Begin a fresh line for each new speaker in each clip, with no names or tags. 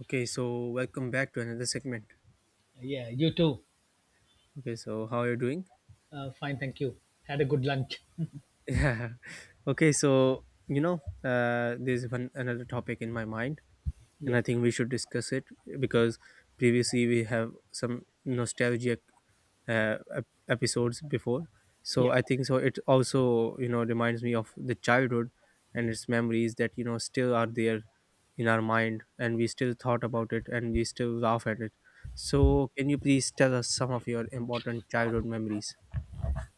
Okay, so welcome back to another segment.
Yeah, you too.
Okay, so how are you doing?
Fine, thank you. Had a good lunch.
Yeah. Okay, there's one another topic in my mind, and
Yeah,
I think we should discuss it because previously we have some nostalgic episodes before, so
yeah.
I think it also reminds me of the childhood and its memories that still are there in our mind, and we still thought about it and we still laugh at it. So can you please tell us some of your important childhood memories?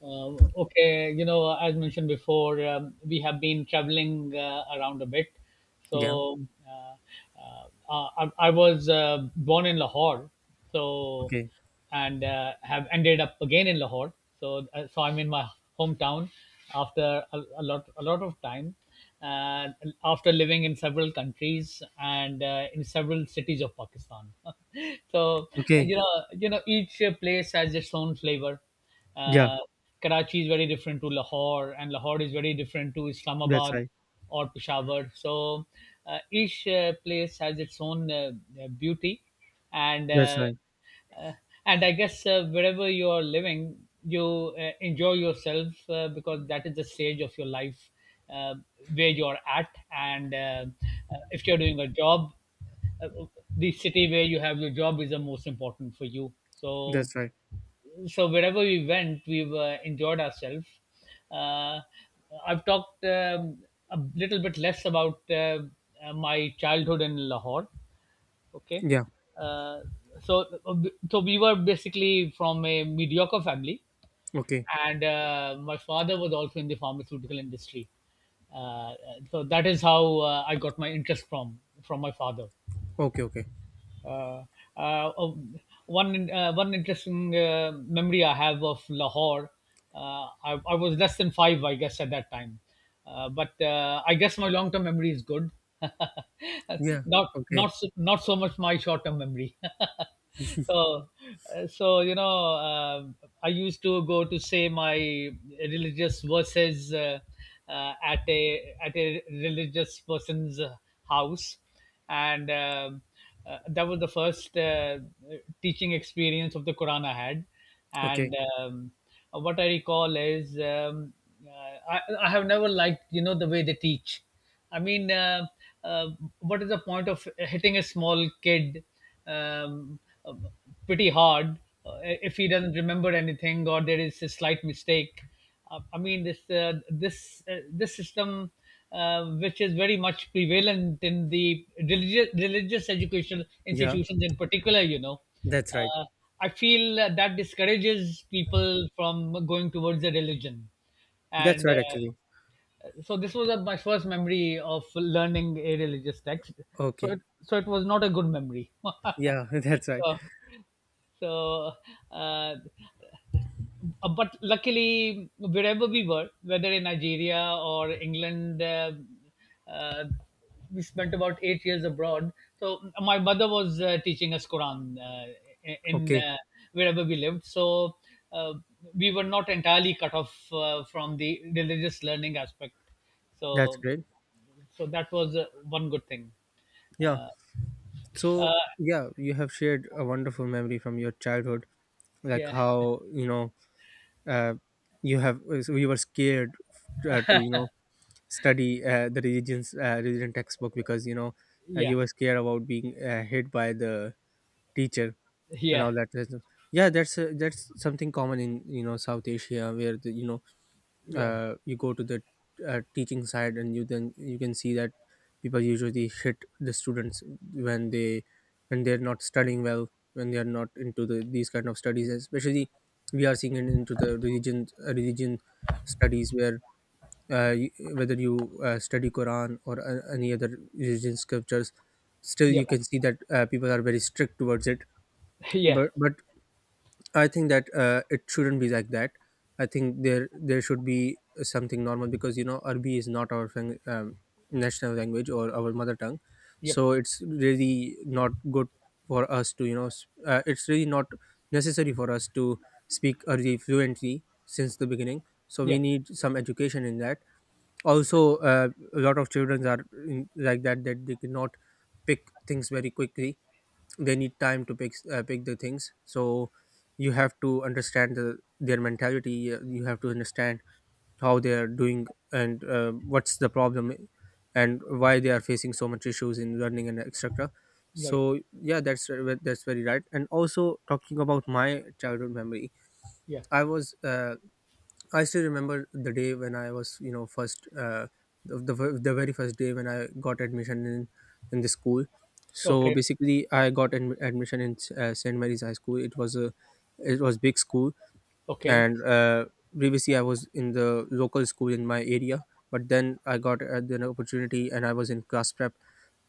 Okay, you know, as mentioned before, we have been traveling around a bit.
Yeah.
So uh, I was born in Lahore, so
Okay.
and have ended up again in Lahore. So so I'm in my hometown after a lot of time. uh, After living in several countries and in several cities of Pakistan. So
Okay.
you know, each place has its own flavor.
Yeah,
Uh, Karachi is very different to Lahore, and Lahore is very different to
that's
Islamabad
right.
or Peshawar. So each place has its own beauty, and
That's
uh,
right.
uh, and I guess wherever you are living you enjoy yourself because that is the stage of your life, uh, where you're at. And uh, uh, if you're doing a job, uh, the city where you have your job is the most important for you. So
That's right.
so wherever we went, we've enjoyed ourselves. uh, I've talked a little bit less about my childhood in Lahore. Okay.
Yeah.
uh, so so we were basically from a mediocre family,
Okay.
and my father was also in the pharmaceutical industry. uh, so that is how I got my interest from my father.
Okay. Okay.
uh, uh, um, One one interesting memory I have of Lahore. I was less than five, I guess, at that time. But I guess my long term memory is good.
Yeah.
not
Okay.
not so, not so much my short term memory. So so you know, I used to go to say my religious verses at a religious person's house, and that was the first teaching experience of the Quran I had,
Okay.
and what I recall is uh, I have never liked, you know, the way they teach. I mean, uh, what is the point of hitting a small kid? Um, um, Pretty hard, if he doesn't remember anything or there is a slight mistake. I mean, this system, which is very much prevalent in the religious educational
Yeah,
institutions in particular, you know,
that's right.
uh, I feel that discourages people from going towards a religion,
That's
and
right actually.
uh, so this was my first memory of learning a religious text. So
Okay.
it was not a good memory.
Yeah, that's right.
So, so, uh, uh, but luckily, wherever we were, whether in Nigeria or England, uh, we spent about 8 years abroad. So my mother was teaching us Quran in
Okay.
wherever we lived. So uh, we were not entirely cut off from the religious learning aspect.
That's
So
great.
so that was one good thing.
Yeah. So yeah, you have shared a wonderful memory from your childhood, like
Yeah,
how uh, you have so you were scared to study the religion textbook because
yeah,
you were scared about being hit by the teacher
yeah,
and
yeah,
all that. That's- Yeah, that's something common in South Asia where the, you know
yeah,
you go to the teaching side and you then you can see that people usually hit the students when they when they're not studying well, when they are not into the these kind of studies. Especially, we are seeing it into the religion studies where whether you study Quran or any other religion scriptures, still
yeah,
you can see that people are very strict towards it.
yeah.
But I think that it shouldn't be like that. I think there should be something normal because you know Arabic is not our national language or our mother tongue.
Yep.
So it's really not good for us to it's really not necessary for us to speak Arabic fluently since the beginning. So we
Yeah,
need some education in that. Also, a lot of children are in, like that, that they cannot pick things very quickly. They need time to pick the things, so you have to understand their mentality. You have to understand how they are doing and what's the problem, and why they are facing so much issues in learning and etc.
right.
So yeah, that's that's very right. And also, talking about my childhood memory,
Yeah.
i was uh, I still remember the day when I was, you know, first the ver- the very first day when I got admission in the school. So
Okay.
basically, I got admission in Saint Mary's High School. It was big school,
Okay.
and previously I was in the local school in my area. But then I got an opportunity, and I was in class prep.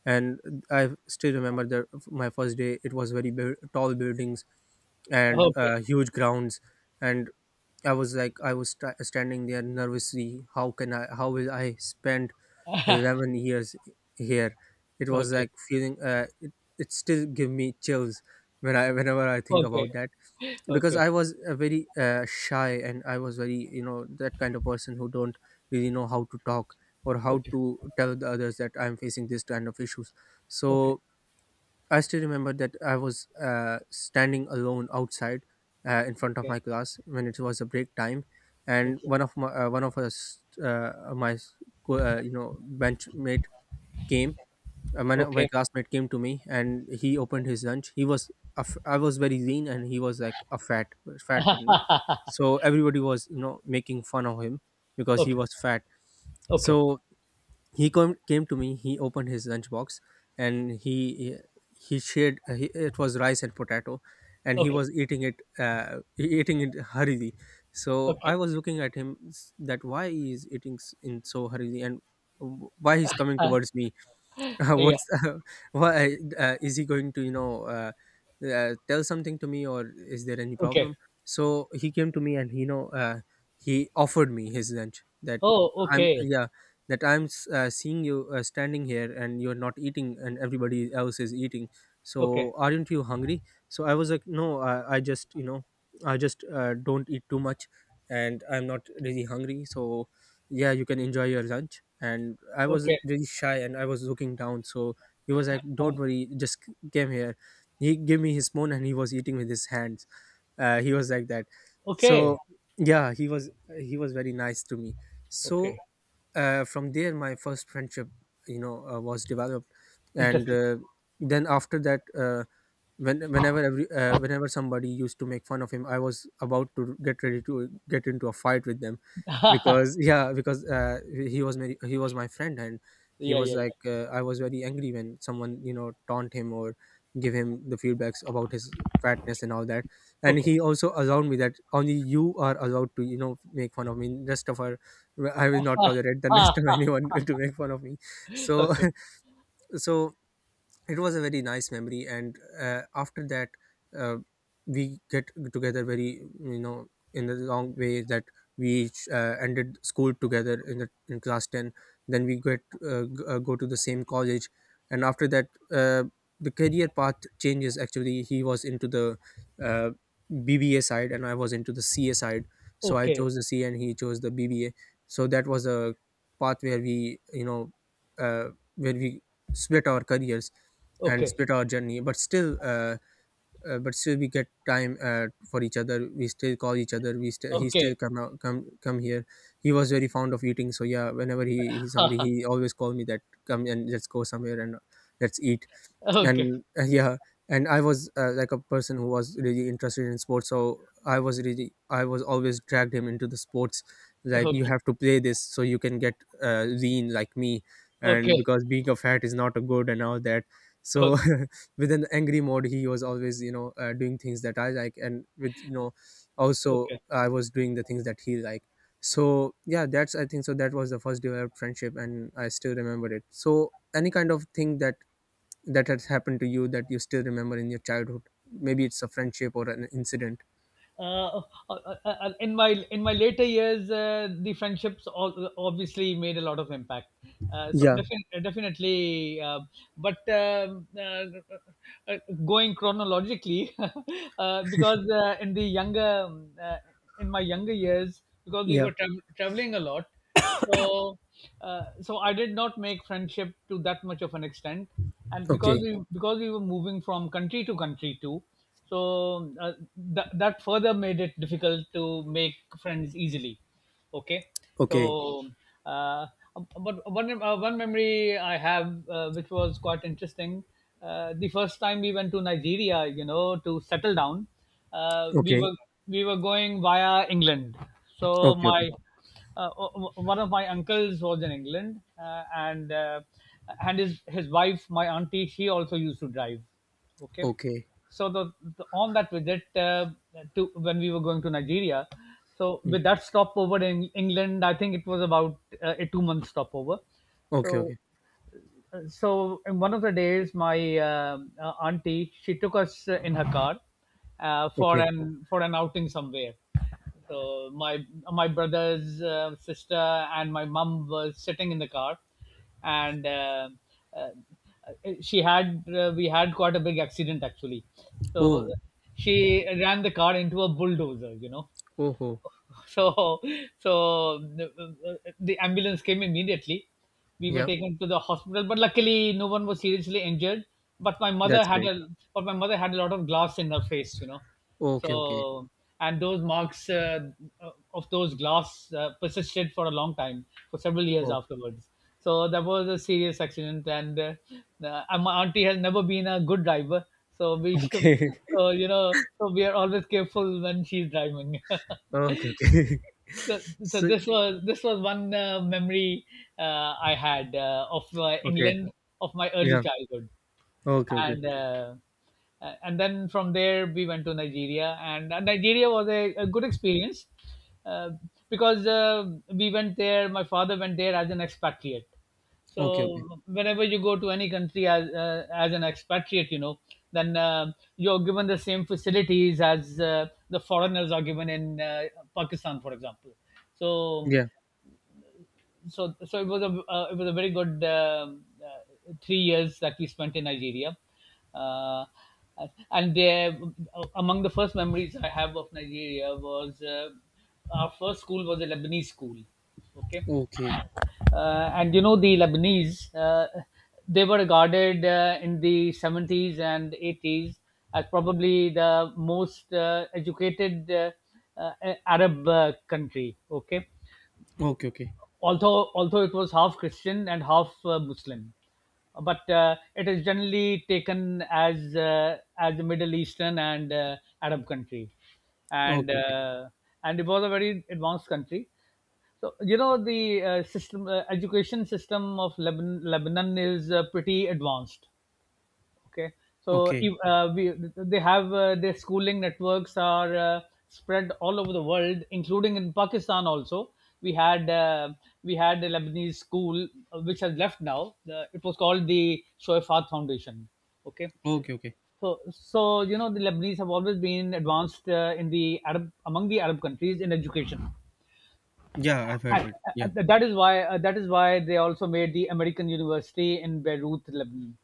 And I still remember the my first day. It was very tall buildings and
Okay.
huge grounds, and I was like, I was standing there nervously. How can I? How will I spend 11 years here? It was
Okay.
like feeling. It still give me chills when I whenever I think
Okay.
about that, because
Okay.
I was a very shy, and I was very you know that kind of person who don't really know how to talk or how
Okay.
to tell the others that I'm facing this kind of issues.
Okay. Okay.
So I still remember that I was standing alone outside in front of
Okay.
my class when it was a break time, and
Okay. Okay.
one of my one of us my s- co- you know benchmate came. My classmate came to me and he opened his lunch. He was a f- I was very lean, and he was like a fat one, you. So everybody was you know making fun of him because he was fat.
Okay.
So came to me, he opened his lunchbox, and he shared, it was rice and potato, and he
Okay.
was eating it eating it hurriedly. So
Okay.
I was looking at him s- that why he is eating in so hurriedly, and why he's coming towards me.
Yeah.
What's why is he going to tell something to me, or is there any
Okay.
problem? So he came to me, and he offered me his lunch, that
Oh,
I'm
okay.
yeah that I'm s- seeing you standing here and you're not eating and everybody else is eating,
Okay.
so aren't you hungry? So I was like, no, I just you know I just don't eat too much and I'm not really hungry, so yeah, you can enjoy your lunch. And I was
Okay.
really shy and I was looking down, so he was like, don't
Uh,
worry, just came here. He gave me his spoon and he was eating with his hands. He was like that.
okay.
So yeah, he was very nice to me.
Okay.
So from there my first friendship was developed. And
Interesting.
then after that, whenever every whenever somebody used to make fun of him, I was about to get ready to get into a fight with them because yeah, because he was my friend. And he
Yeah,
was
yeah, yeah.
like I was very angry when someone you know taunt him or give him the feedbacks about his fatness and all that. And
Okay.
he also allowed me that only you are allowed to you know make fun of me, rest of our, I will not tolerate the
Ah,
rest of
ah,
anyone to make fun of me. So
okay.
so it was a very nice memory. And after that, uh, we get together very you know in a long way that ended school together in the in class 10, then we go to the same college. And after that, the career path changes. Actually, he was into the uh, BBA side, and I was into the CA side. So I
Okay.
chose the CA and he chose the BBA. So that was a path where we you know uh, where we split our careers and
Okay.
split our journey. But still, but still we get time for each other. We still call each other, we still, he still
Okay.
come out come come here. He was very fond of eating, so yeah, whenever he's hungry, he always called me that come and let's go somewhere and let's eat.
Ah, okay.
And yeah. And I was like a person who was really interested in sports, so I was really, I was always dragged him into the sports, like you
Okay.
have to play this so you can get lean like me. And
Okay.
because being a fat is not a good and all that. So
Okay.
with an angry mode, he was always you know doing things that I like, and with you know also
Okay.
I was doing the things that he liked. So yeah, that's I think that was the first developed friendship, and I still remember it. So any kind of thing that has happened to you that you still remember in your childhood, maybe it's a friendship or an incident?
uh, uh, in my in my later years, the friendships all, obviously made a lot of impact. So
Yeah,
defin- definitely, but uh, going chronologically, because in the younger, in my younger years, because we
yeah.
were traveling a lot, so so I did not make friendship to that much of an extent, and
Okay.
because we were moving from country to country too. So that that further made it difficult to make friends easily. Okay.
Okay.
So uh, but one one memory I have, which was quite interesting. The first time we went to Nigeria, you know, to settle down, uh, we
Okay.
were we were going via England. So
Okay. Okay.
my one of my uncles was in England, and his wife, my auntie, she also used to drive. Okay,
Okay.
so the on that visit to when we were going to Nigeria, so
Mm.
with that stopover in England, I think it was about a 2 month stopover.
Okay.
So
Okay.
so in one of the days, my auntie she took us in her car
Okay.
for an outing somewhere. So my brother's sister and my mum was sitting in the car, and uh, she had we had quite a big accident actually. So
Oh.
she ran the car into a bulldozer, you know.
Oh. Oh.
So, so the ambulance came immediately. We were
Yeah.
taken to the hospital, but luckily no one was seriously injured. But my mother
That's
had
great.
a, but my mother had a lot of glass in her face, you know.
Okay. Okay.
So, and those marks of those glass persisted for a long time, for several years
Oh.
afterwards. So that was a serious accident, and my auntie has never been a good driver. So we should,
Okay.
so You know, so we are always careful when she's driving.
Okay. Okay.
so, so
So.
this was one memory I had of
Okay.
England of my early
Yeah.
childhood,
Okay. Okay.
and and then from there we went to Nigeria, and Nigeria was a good experience, uh, because we went there. My father went there as an expatriate.
Okay. Okay.
So whenever you go to any country as an expatriate, you know, then you're given the same facilities as the foreigners are given in Pakistan, for example. So
Yeah.
it was a very good 3 years that we spent in Nigeria, uh, and there among the first memories I have of Nigeria was our first school was a Lebanese school, okay,
Okay.
and you know the Lebanese, they were regarded in the 70s and eighties as probably the most educated Arab country, okay.
Okay. Okay.
Although it was half Christian and half Muslim, but it is generally taken as a Middle Eastern and Arab country, and
Okay. Okay.
uh, and it was a very advanced country. So you know the system education system of Lebanon, Lebanon is pretty advanced. Okay. So
Okay.
if, they have their schooling networks are spread all over the world, including in Pakistan also. We had a Lebanese school which has left now. It was called the Shoifat Foundation. Okay.
Okay. Okay.
So so you know the Lebanese have always been advanced in the arab among the Arab countries in education,
Yeah, I've heard
and,
it,
uh,
yeah.
uh, that is why they also made the American University in Beirut, Lebanon.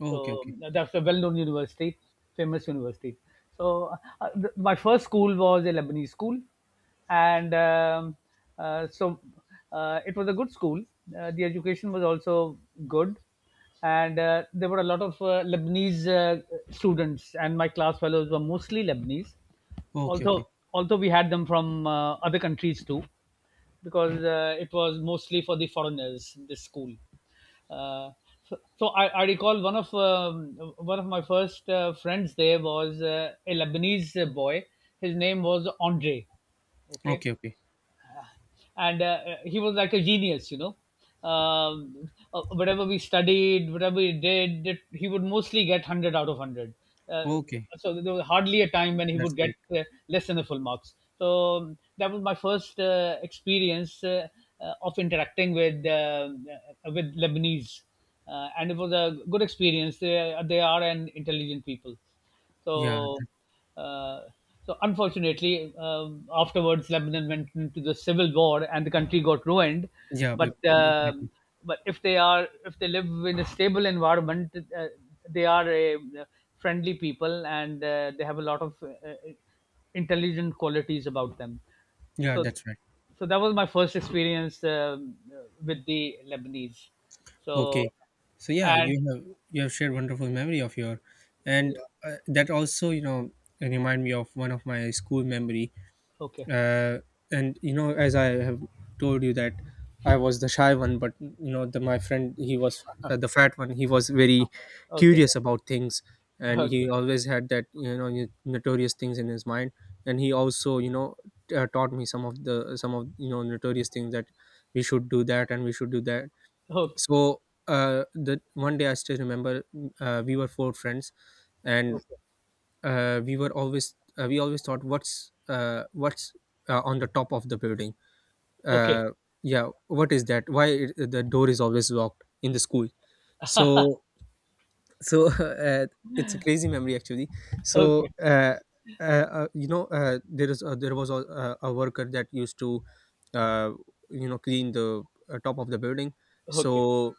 Okay.
So
Okay.
that's a well-known university, famous university. So my first school was a Lebanese school, and uh, so it was a good school. The education was also good, and there were a lot of Lebanese students, and my class fellows were mostly Lebanese,
Okay. Okay.
although we had them from other countries too, because it was mostly for the foreigners this school. uh, so, so I recall one of my first friends there was a Lebanese boy. His name was Andre. Okay.
Okay. Okay.
And he was like a genius, you know. Whatever we studied, whatever we did it, he would mostly get 100 out of 100. uh,
Okay.
so there was hardly a time when he
That's
would get
great.
uh, less than a full marks. So that was my first experience of interacting with Lebanese, and it was a good experience. They are an intelligent people.
Yeah,
so,
that,
uh, so unfortunately, afterwards Lebanon went into the civil war and the country got ruined.
yeah, big,
But
big, big-
um
big.
but if they are if they live in a stable environment, they are a friendly people, and they have a lot of intelligent qualities about them.
Yeah.
So,
That's right.
so that was my first experience with the Lebanese.
Okay,
So
so yeah,
and
you have shared wonderful memory of your, and
yeah,
that also you know remind me of one of my school memory.
okay,
uh, and you know, as I have told you that I was the shy one, but you know my friend, he was the fat one. He was very
okay,
curious about things, and he
okay,
always had that, you know, notorious things in his mind. And he also, you know, taught me some of you know notorious things, that we should do that and we should do that.
okay.
So the one day I still remember, we were four friends, and
Okay.
we always thought, what's on the top of the building.
Okay.
uh, yeah, what is that, why the door is always locked in the school? So so it's a crazy memory actually. So
Okay.
you know, there was a worker that used to uh, you know, clean the top of the building.
Okay.
So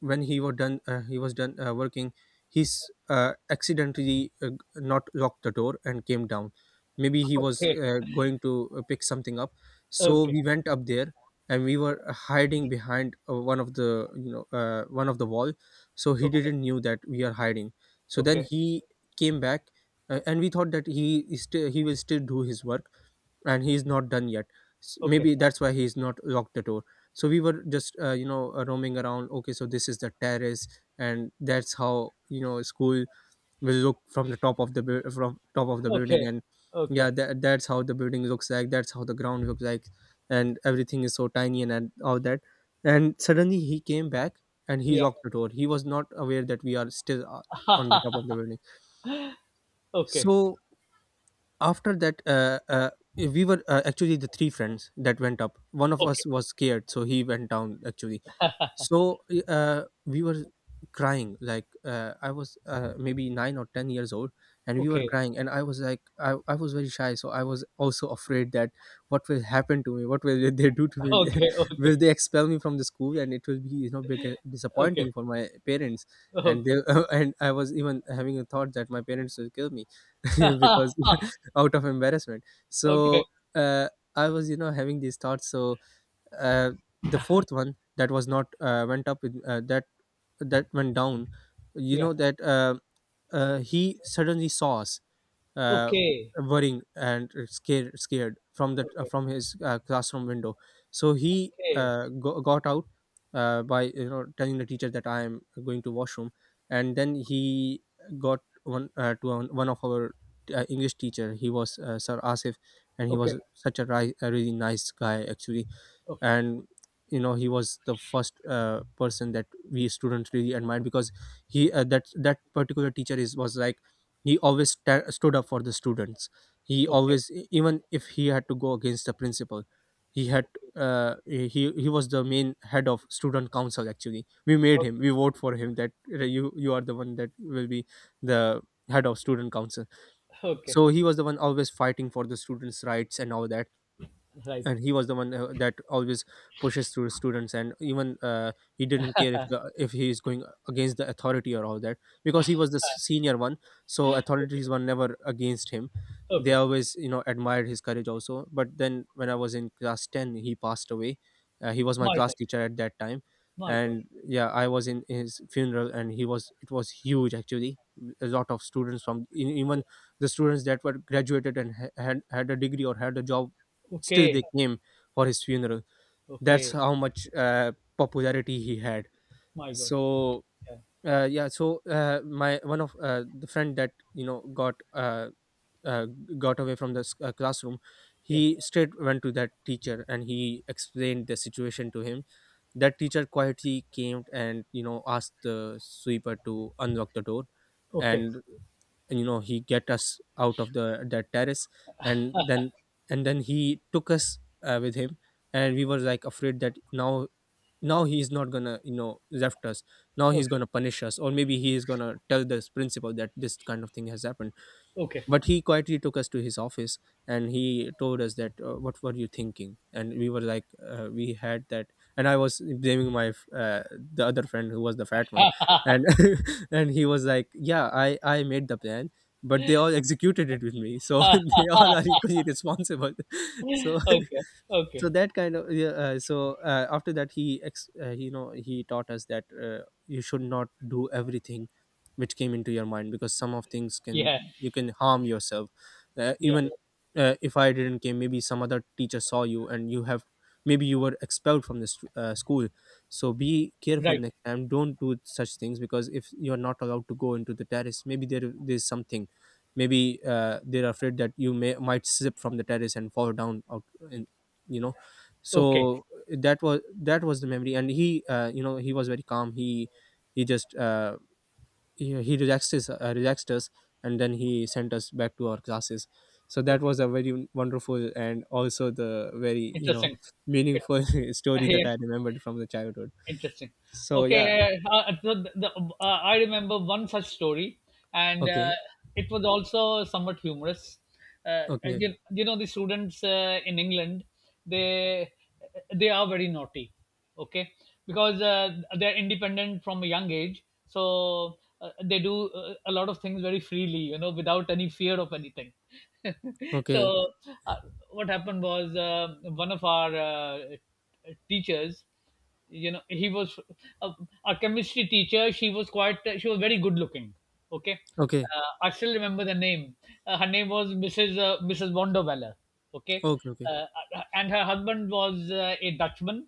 when he was done working, he's accidentally not locked the door and came down. Maybe he was
Okay.
going to pick something up. So
Okay.
we went up there, and we were hiding behind one of the wall. So he
Okay.
didn't knew that we are hiding. So then
Okay.
he came back, and we thought that he will still do his work and he's not done yet.
Okay.
Maybe that's why he's not locked the door. So we were just you know, roaming around. Okay, so this is the terrace, and that's how, you know, school will look from the top of the buil- from top of the building.
Okay.
And yeah,
Okay.
that's how the building looks like, that's how the ground looks like, and everything is so tiny, and all that. And suddenly he came back and he
Yeah.
locked the door. He was not aware that we are still on the top of the building.
Okay.
So after that, we were, actually the three friends that went up, one of us
Okay.
was scared, so he went down actually. So, we were crying. Like, I was, maybe 9 or 10 years old, and we were
Okay.
crying, and I was like, I was very shy, so I was also afraid that what will happen to me, what will they do to me,
Okay. Okay.
will they expel me from the school, and it will be, you know,
Okay.
disappointing for my parents. And they
Okay.
and I was even having a thought that my parents will kill me because out of embarrassment.
Okay.
So I was, you know, having these thoughts. So uh, the fourth one that was not went up with, that went down, you
Yeah.
know, that he suddenly saw us, uh,
Okay.
worrying and scared from the
Okay.
from his classroom window. So he got out, by, you know, telling the teacher that I am going to washroom. And then he got one to one of our English teacher. He was, Sir Asif, and he
Okay. Okay.
was
Okay.
a really nice guy actually. And you know, he was the first person that we students really admired, because he — that particular teacher is was like, he always ta stood up for the students. He always, even if he had to go against the principal. He had he was the main head of student council. Actually, we made
Okay.
him, we vote for him that, you are the one that will be the head of student council.
Okay. Okay.
So he was the one always fighting for the students' rights and all that.
Right.
And he was the one, that always pushes through students, and even he didn't care if if he is going against the authority or all that, because he was the senior one. So authorities were never against him. They
Okay.
always, you know, admired his courage also. But then when I was in class 10, he passed away. He was my
My
class
God.
teacher at that time.
My God.
And yeah, I was in his funeral, and he was it was huge actually. A lot of students, from even the students that were graduated and had had a degree or had a job, still
Okay.
they came for his funeral. That's
Okay.
how much popularity he had.
My God.
So
Yeah.
yeah. So my one of the friend that, you know, uh, got away from the classroom,
Yeah.
he straight went to that teacher and he explained the situation to him. That teacher quietly came and, you know, asked the sweeper to unlock the door.
Okay.
And and you know, he get us out of the that terrace. And then and then he took us with him, and we were like afraid that now he's not gonna, you know, left us, now he's
Okay.
gonna punish us, or maybe he is gonna tell this principal that this kind of thing has happened.
Okay.
But he quietly took us to his office, and he told us that, what were you thinking? And we were like, we had that. And I was blaming the other friend who was the fat one. And and he was like, yeah, I made the plan, but they all executed it with me, so they all are equally responsible. So
Okay,
so
okay.
that kind of, yeah, so after that he you know, he taught us that, you should not do everything which came into your mind, because some of things can —
Yeah,
you can harm yourself,
yeah,
even,
yeah.
if I didn't came, maybe some other teacher saw you and you have, maybe you were expelled from this school. So be careful
Right.
next time, don't do such things, because if you're not allowed to go into the terrace, maybe there's something. Maybe they're afraid that you may might slip from the terrace and fall down out in, you know.
Okay,
So that was the memory, and he, you know, he was very calm. He just he relaxed us, and then he sent us back to our classes. So that
okay.
was a very wonderful, and also the very, you know,
Interesting. it,
meaningful story
yeah.
that I remembered from the childhood.
Interesting.
So yeah.
Okay, so I remember one such story, and
Okay.
it was also somewhat humorous.
Okay.
The students in England, they they are very naughty, okay, because they're independent from a young age, so they do a lot of things very freely, without any fear of anything.
Okay.
So, uh, what happened was one of our teachers, he was a, a chemistry teacher. She was very good looking, okay.
Okay.
I still remember the name. Her name was Mrs. Wonderweller. Okay.
Okay.
uh, and her husband was a Dutchman,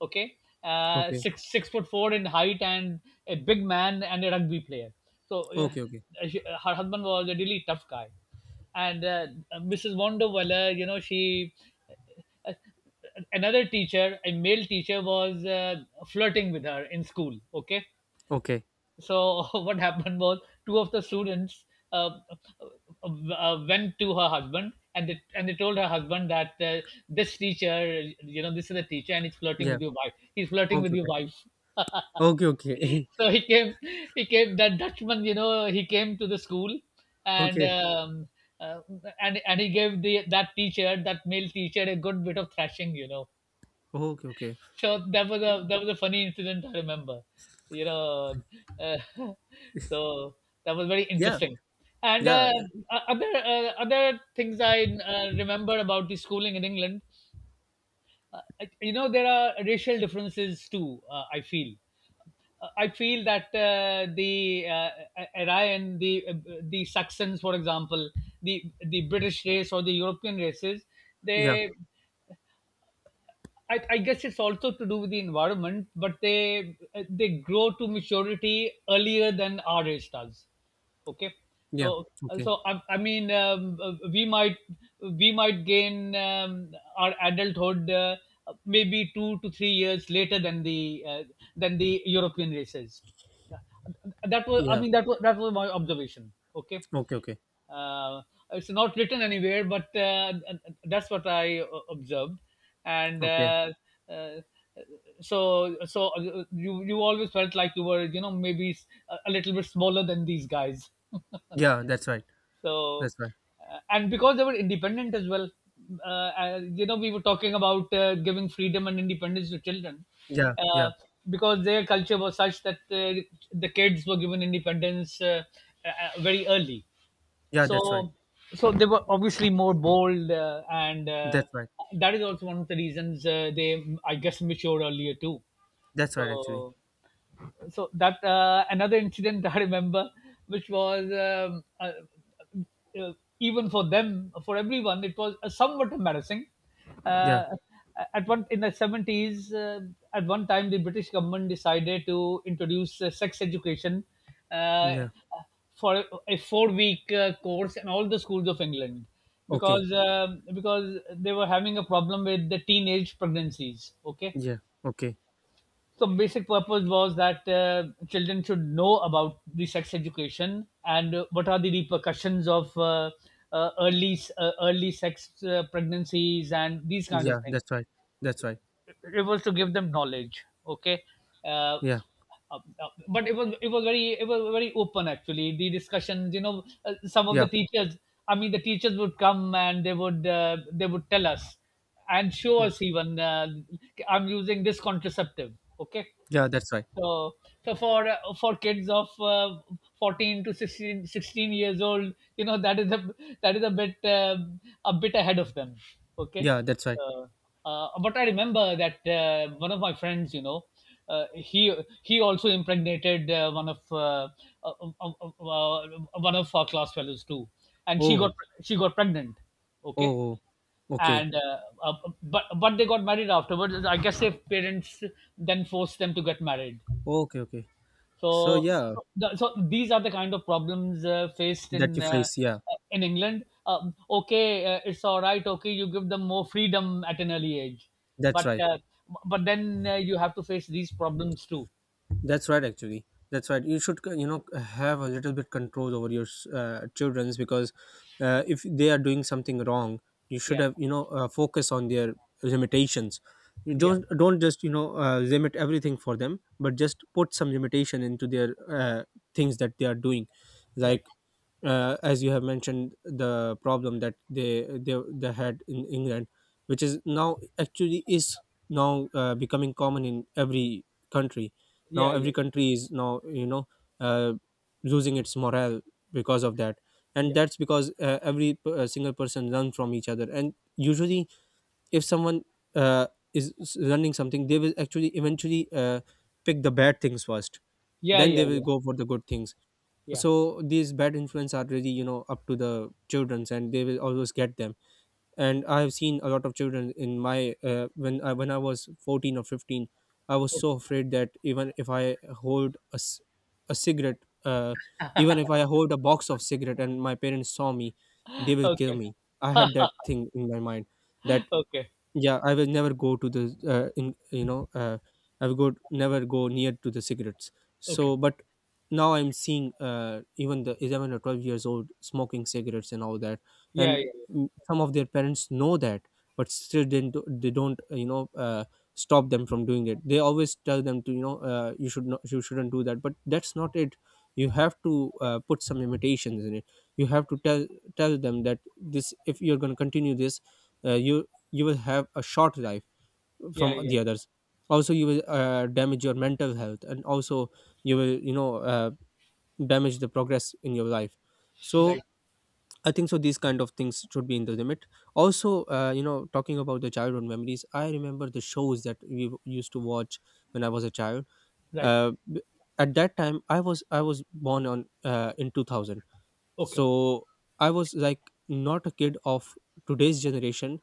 okay,
Okay. Okay.
six foot four in height and a big man and a rugby player. so uh,
Okay. Okay.
uh, her husband was a really tough guy. And Mrs. Wonderweller, you know she uh, another teacher, a male teacher, was flirting with her in school. Okay,
Okay.
so what happened was two of the students uh, uh, went to her husband, and they told her husband that this teacher, this is a teacher and he's flirting
Yeah.
with your wife. He's flirting
Okay.
with your
Okay.
wife.
Okay. Okay.
So he came. That Dutchman, he came to the school and.
Okay.
Um, uh, and he gave the that teacher, that male teacher, a good bit of thrashing you know
Okay. Okay.
so that was a funny incident I remember. You know, uh, so that was very
Yeah,
interesting. And
yeah,
Other things I remember about the schooling in England, uh, there are racial differences too. I feel that the Aryan, the Saxons, for example, the British race or the European races,
yeah.
they I guess it's also to do with the environment, but they grow to maturity earlier than our age does. Okay,
Yeah.
so
Okay.
so I mean, we might gain, our adulthood, maybe 2 to 3 years later than the European races. That was I
Yeah.
mean that was my observation. Okay,
Okay. Okay.
uh, it's not written anywhere, but that's what I observed. and
Okay.
uh, uh, so so uh, you always felt like you were maybe a little bit smaller than these guys.
Yeah. That's right.
so
That's right.
and because they were independent as well, we were talking about giving freedom and independence to children,
Yeah. Yeah.
uh, because their culture was such that the kids were given independence very early.
Yeah. That's right.
So they were obviously more bold, and
That's right.
that is also one of the reasons they, I guess, matured earlier too.
That's right. Actually.
So so that, another incident I remember, which was, uh, even for them, for everyone, it was somewhat embarrassing.
Yeah.
Uh, at one in the 70s, at one time, the British government decided to introduce sex education uh,
Yeah.
for a four-week course in all the schools of England,
Okay.
because they were having a problem with the teenage pregnancies. Okay,
Yeah. Okay.
so basic purpose was that children should know about the sex education and what are the repercussions of uh, early early sex, pregnancies and these kind
Yeah.
of things.
That's right. That's right.
It was to give them knowledge. Okay. Uh,
Yeah.
but it was very open, actually, the discussions, some of the
Yeah.
teachers, I mean the teachers would come and they would tell us and show
Mm.
us, even, I'm using this contraceptive, okay.
Yeah. That's right.
So, so for kids of 14 to sixteen years old, you know, that is a bit, a bit ahead of them. Okay,
Yeah. That's right.
uh, but I remember that one of my friends, you know, uh, he he also impregnated uh, uh, uh, uh, uh, one of our class fellows too, and she
Oh.
got she got pregnant. Okay,
Oh. Oh. Okay.
and but they got married afterwards. I guess their parents then forced them to get married.
Okay. Okay. So
so,
yeah,
so, the, so these are the kind of problems faced
that
in,
you
uh,
face. Yeah.
in England. Okay, it's all right. Okay, you give them more freedom at an early age,
That's
but
right.
then you have to face these problems too.
That's right, actually. That's right. You should, you know, have a little bit control over your childrens, because
Yeah,
if they are doing something wrong, you should
yeah,
have, you know, focus on their limitations. You
yeah,
don't just, you know, limit everything for them, but just put some limitation into their things that they are doing.
right.
Like, as you have mentioned, the problem that they had in England, which is now actually is now becoming common in every country. Now
Yeah, yeah,
every country is now, you know, uh, losing its morale because of that. And
yeah,
that's because every single person learn from each other, and usually if someone uh, is learning something, they will actually eventually pick the bad things first,
yeah,
then they
yeah,
will
yeah,
go for the good things.
yeah.
So these bad influence are really, you know, up to the childrens, and they will always get them. And I have seen a lot of children in my when I was 14 or 15, I was so afraid that even if I a cigarette, even if I hold a box of cigarette and my parents saw me, they will kill
Okay,
me. I had that thing in my mind that,
okay,
yeah, I will never go to the in you know I will go never go near to the cigarettes.
okay.
So, but now I'm seeing, even the 11 or 12 years old smoking cigarettes and all that,
Yeah,
and
yeah,
some of their parents know that, but still didn't do- they don't, you know, stop them from doing it. They always tell them to, you know, you shouldn't do that, but that's not it. You have to put some limitations in it. You have to tell them that this if you're going to continue this uh, you you will have a short life
yeah,
from
yeah,
the
yeah.
others. Also you will damage your mental health, and also you will damage the progress in your life.
Right,
So I think so these kind of things should be in the limit also. Talking about the childhood memories, I remember the shows that we used to watch when I was a child.
right.
uh, b- at that time I was born on in 2000,
Okay,
so I was like not a kid of today's generation,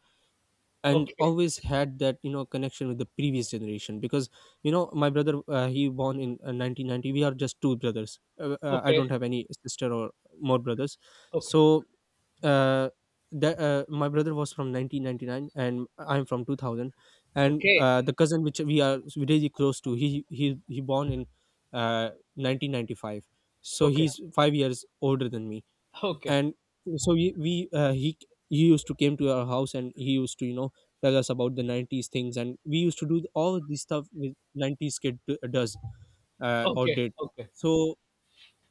and
okay,
always had that, you know, connection with the previous generation. Because you know, my brother, he born in 1990. We are just two brothers. I
okay,
don't have any sister or more brothers.
okay,
So uh, that my brother was from 1999 and I'm from 2000, and
okay,
the cousin which we are really close to, he born in uh, 1995, so
okay,
he's 5 years older than me.
okay,
And so we he used to came to our house and he used to, you know, tell us about the 90s things. And we used to do all this stuff with 90s kid does or
okay,
did.
okay.
So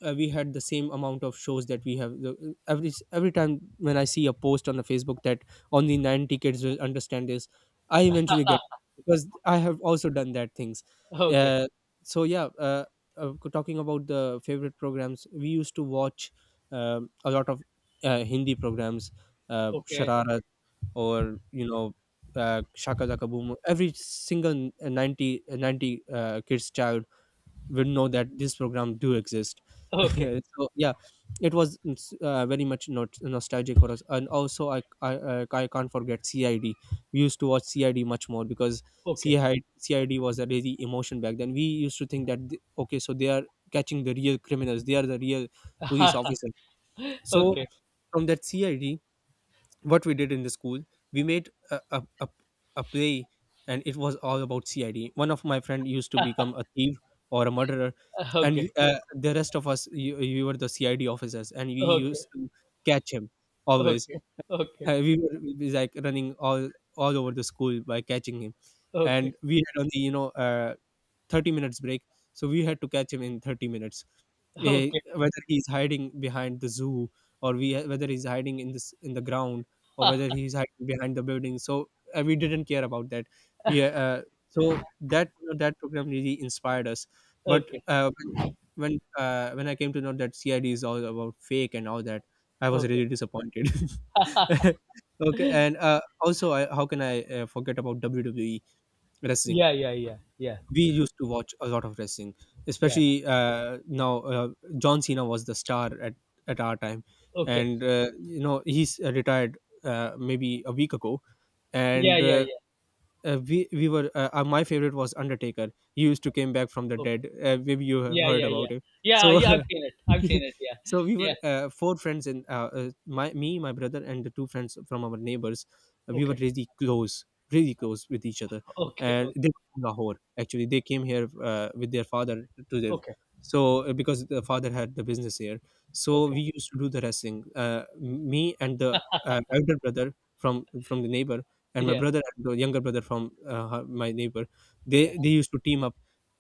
we had the same amount of shows that we Every time when I see a post on the Facebook that only nine tickets will understand this, I eventually get, because I have also done that things.
Okay,
uh, so yeah uh, uh, Talking about the favorite programs we used to watch, a lot of Hindi programs.
okay,
Shararat, or you know, Shaka Zaka Boom. Every single 90 90 kids child would know that this program do exist.
okay,
So yeah, it's very much not nostalgic for us. And also I can't forget CID. We used to watch CID much more because
okay,
CID was a really emotion back then. We used to think that okay, so they are catching the real criminals, they are the real police officers.
okay,
So
okay,
from that CID, what we did in the school, we made a play, and it was all about CID. One of my friend used to become a thief or a murderer, and
okay,
the rest of us, you were the CID officers, and we
okay,
used to catch him always.
okay,
We were we was like running all over the school by catching him. And
okay,
we had only, you know, 30 minutes break, so we had to catch him in 30 minutes. Eh,
okay,
whether he's hiding behind the zoo, or we whether he's hiding in the ground, or whether he's hiding behind the building. So we didn't care about that. We so That, you know, that program really inspired us. But
okay,
when I came to know that CID is all about fake and all that, I was
okay.
really disappointed. Okay, and also, how can I forget about WWE wrestling?
Yeah, yeah, yeah, yeah,
We used to watch a lot of wrestling,
yeah.
especially, now John Cena was the star at our time.
Okay.
And you know, he's retired maybe a week ago.
Yeah,
And
yeah, yeah.
we were my favorite was Undertaker. He used to came back from the
Okay.
dead. Maybe you have
Yeah,
heard
yeah,
about
yeah.
him.
Yeah,
So
yeah. I've seen it. I've seen it. Yeah,
so we
yeah.
were, four friends. And my me, my brother, and the two friends from our neighbors. Uh, we were
Okay,
really close really close with each other.
okay,
And
okay,
they were from Lahore. Actually they came here with their father to live.
okay,
So because the father had the business here, so
okay.
we used to do the wrestling. uh, Me and the elder brother from from the neighbor, and my
Yeah,
brother and the younger brother from my neighbor. they
yeah.
they used to team up,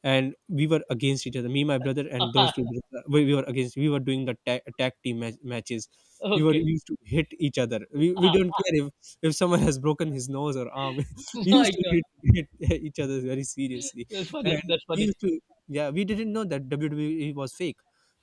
and we were against each other. Me, my brother and those two brothers, we were against. We were doing the tag team matches. We were
Okay.
used to hit each other. We don't care if someone has broken his nose or arm. We
My
used to
God,
hit each other very seriously.
that's
And
funny. That's
we
funny.
used to, yeah, we didn't know that WWE was fake.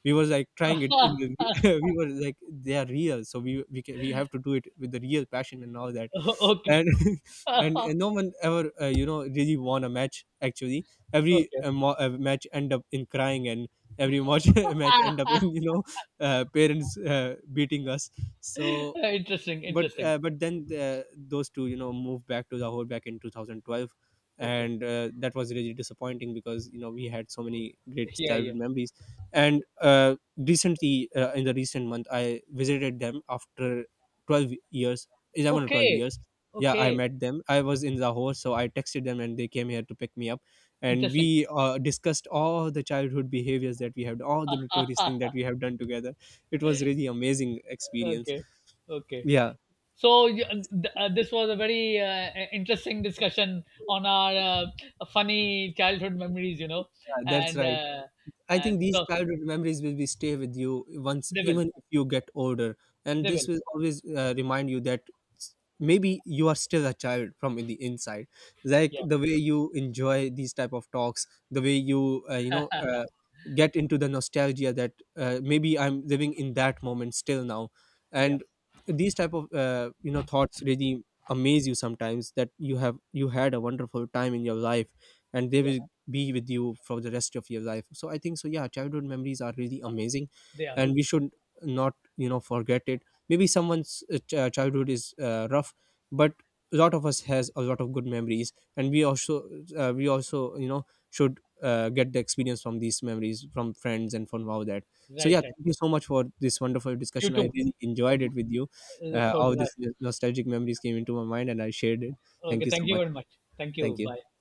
We was like trying it in the, we were like they are real, so we have to do it with the real passion and all that.
Okay.
And and, and no one ever, you know, really won a match. Actually every
Okay.
match end up in crying, and every match match end up in, you know, parents beating us. So
Interesting. Interesting.
but then those two, you know, moved back to Lahore back in 2012.
Okay.
And that was really disappointing, because you know, we had so many great
Yeah, yeah.
childhood memories. And recently, in the recent month, I visited them after 12 years 11 or 12
Okay.
years. Yeah, I
Okay.
met them. I was in Lahore, so I texted them and they came here to pick me up. And
Interesting.
we discussed all the childhood behaviors that we have, all the notorious things that we have done together. It was really amazing experience.
Okay. Okay.
Yeah.
So this was a very interesting discussion on our funny childhood memories, you know,
That's
and
right.
uh,
I think
and
these
so
childhood memories will be stay with you once,
they will,
even if you get older. And
they
this
will,
will always remind you that maybe you are still a child from in the inside. Like
yeah,
the way you enjoy these type of talks, the way you, you know get into the nostalgia, that maybe I'm living in that moment still now.
yeah,
And these type of thoughts really amaze you sometimes, that you have, you had a wonderful time in your life, and they
yeah,
will be with you for the rest of your life. So I think so, yeah, childhood memories are really amazing,
they are,
and we should not, you know, forget it. Maybe someone's childhood is rough, but a lot of us has a lot of good memories. And we also, should get the experience from these memories, from friends and from all that. So
right,
yeah,
right.
thank you so much for this wonderful
You
discussion. I
too.
really enjoyed it with you.
So
All
did I.
these nostalgic memories came into my mind and I shared it. Thank
Okay,
you
thank
so
you
much.
very much. Thank you.
Thank
Bye.
you.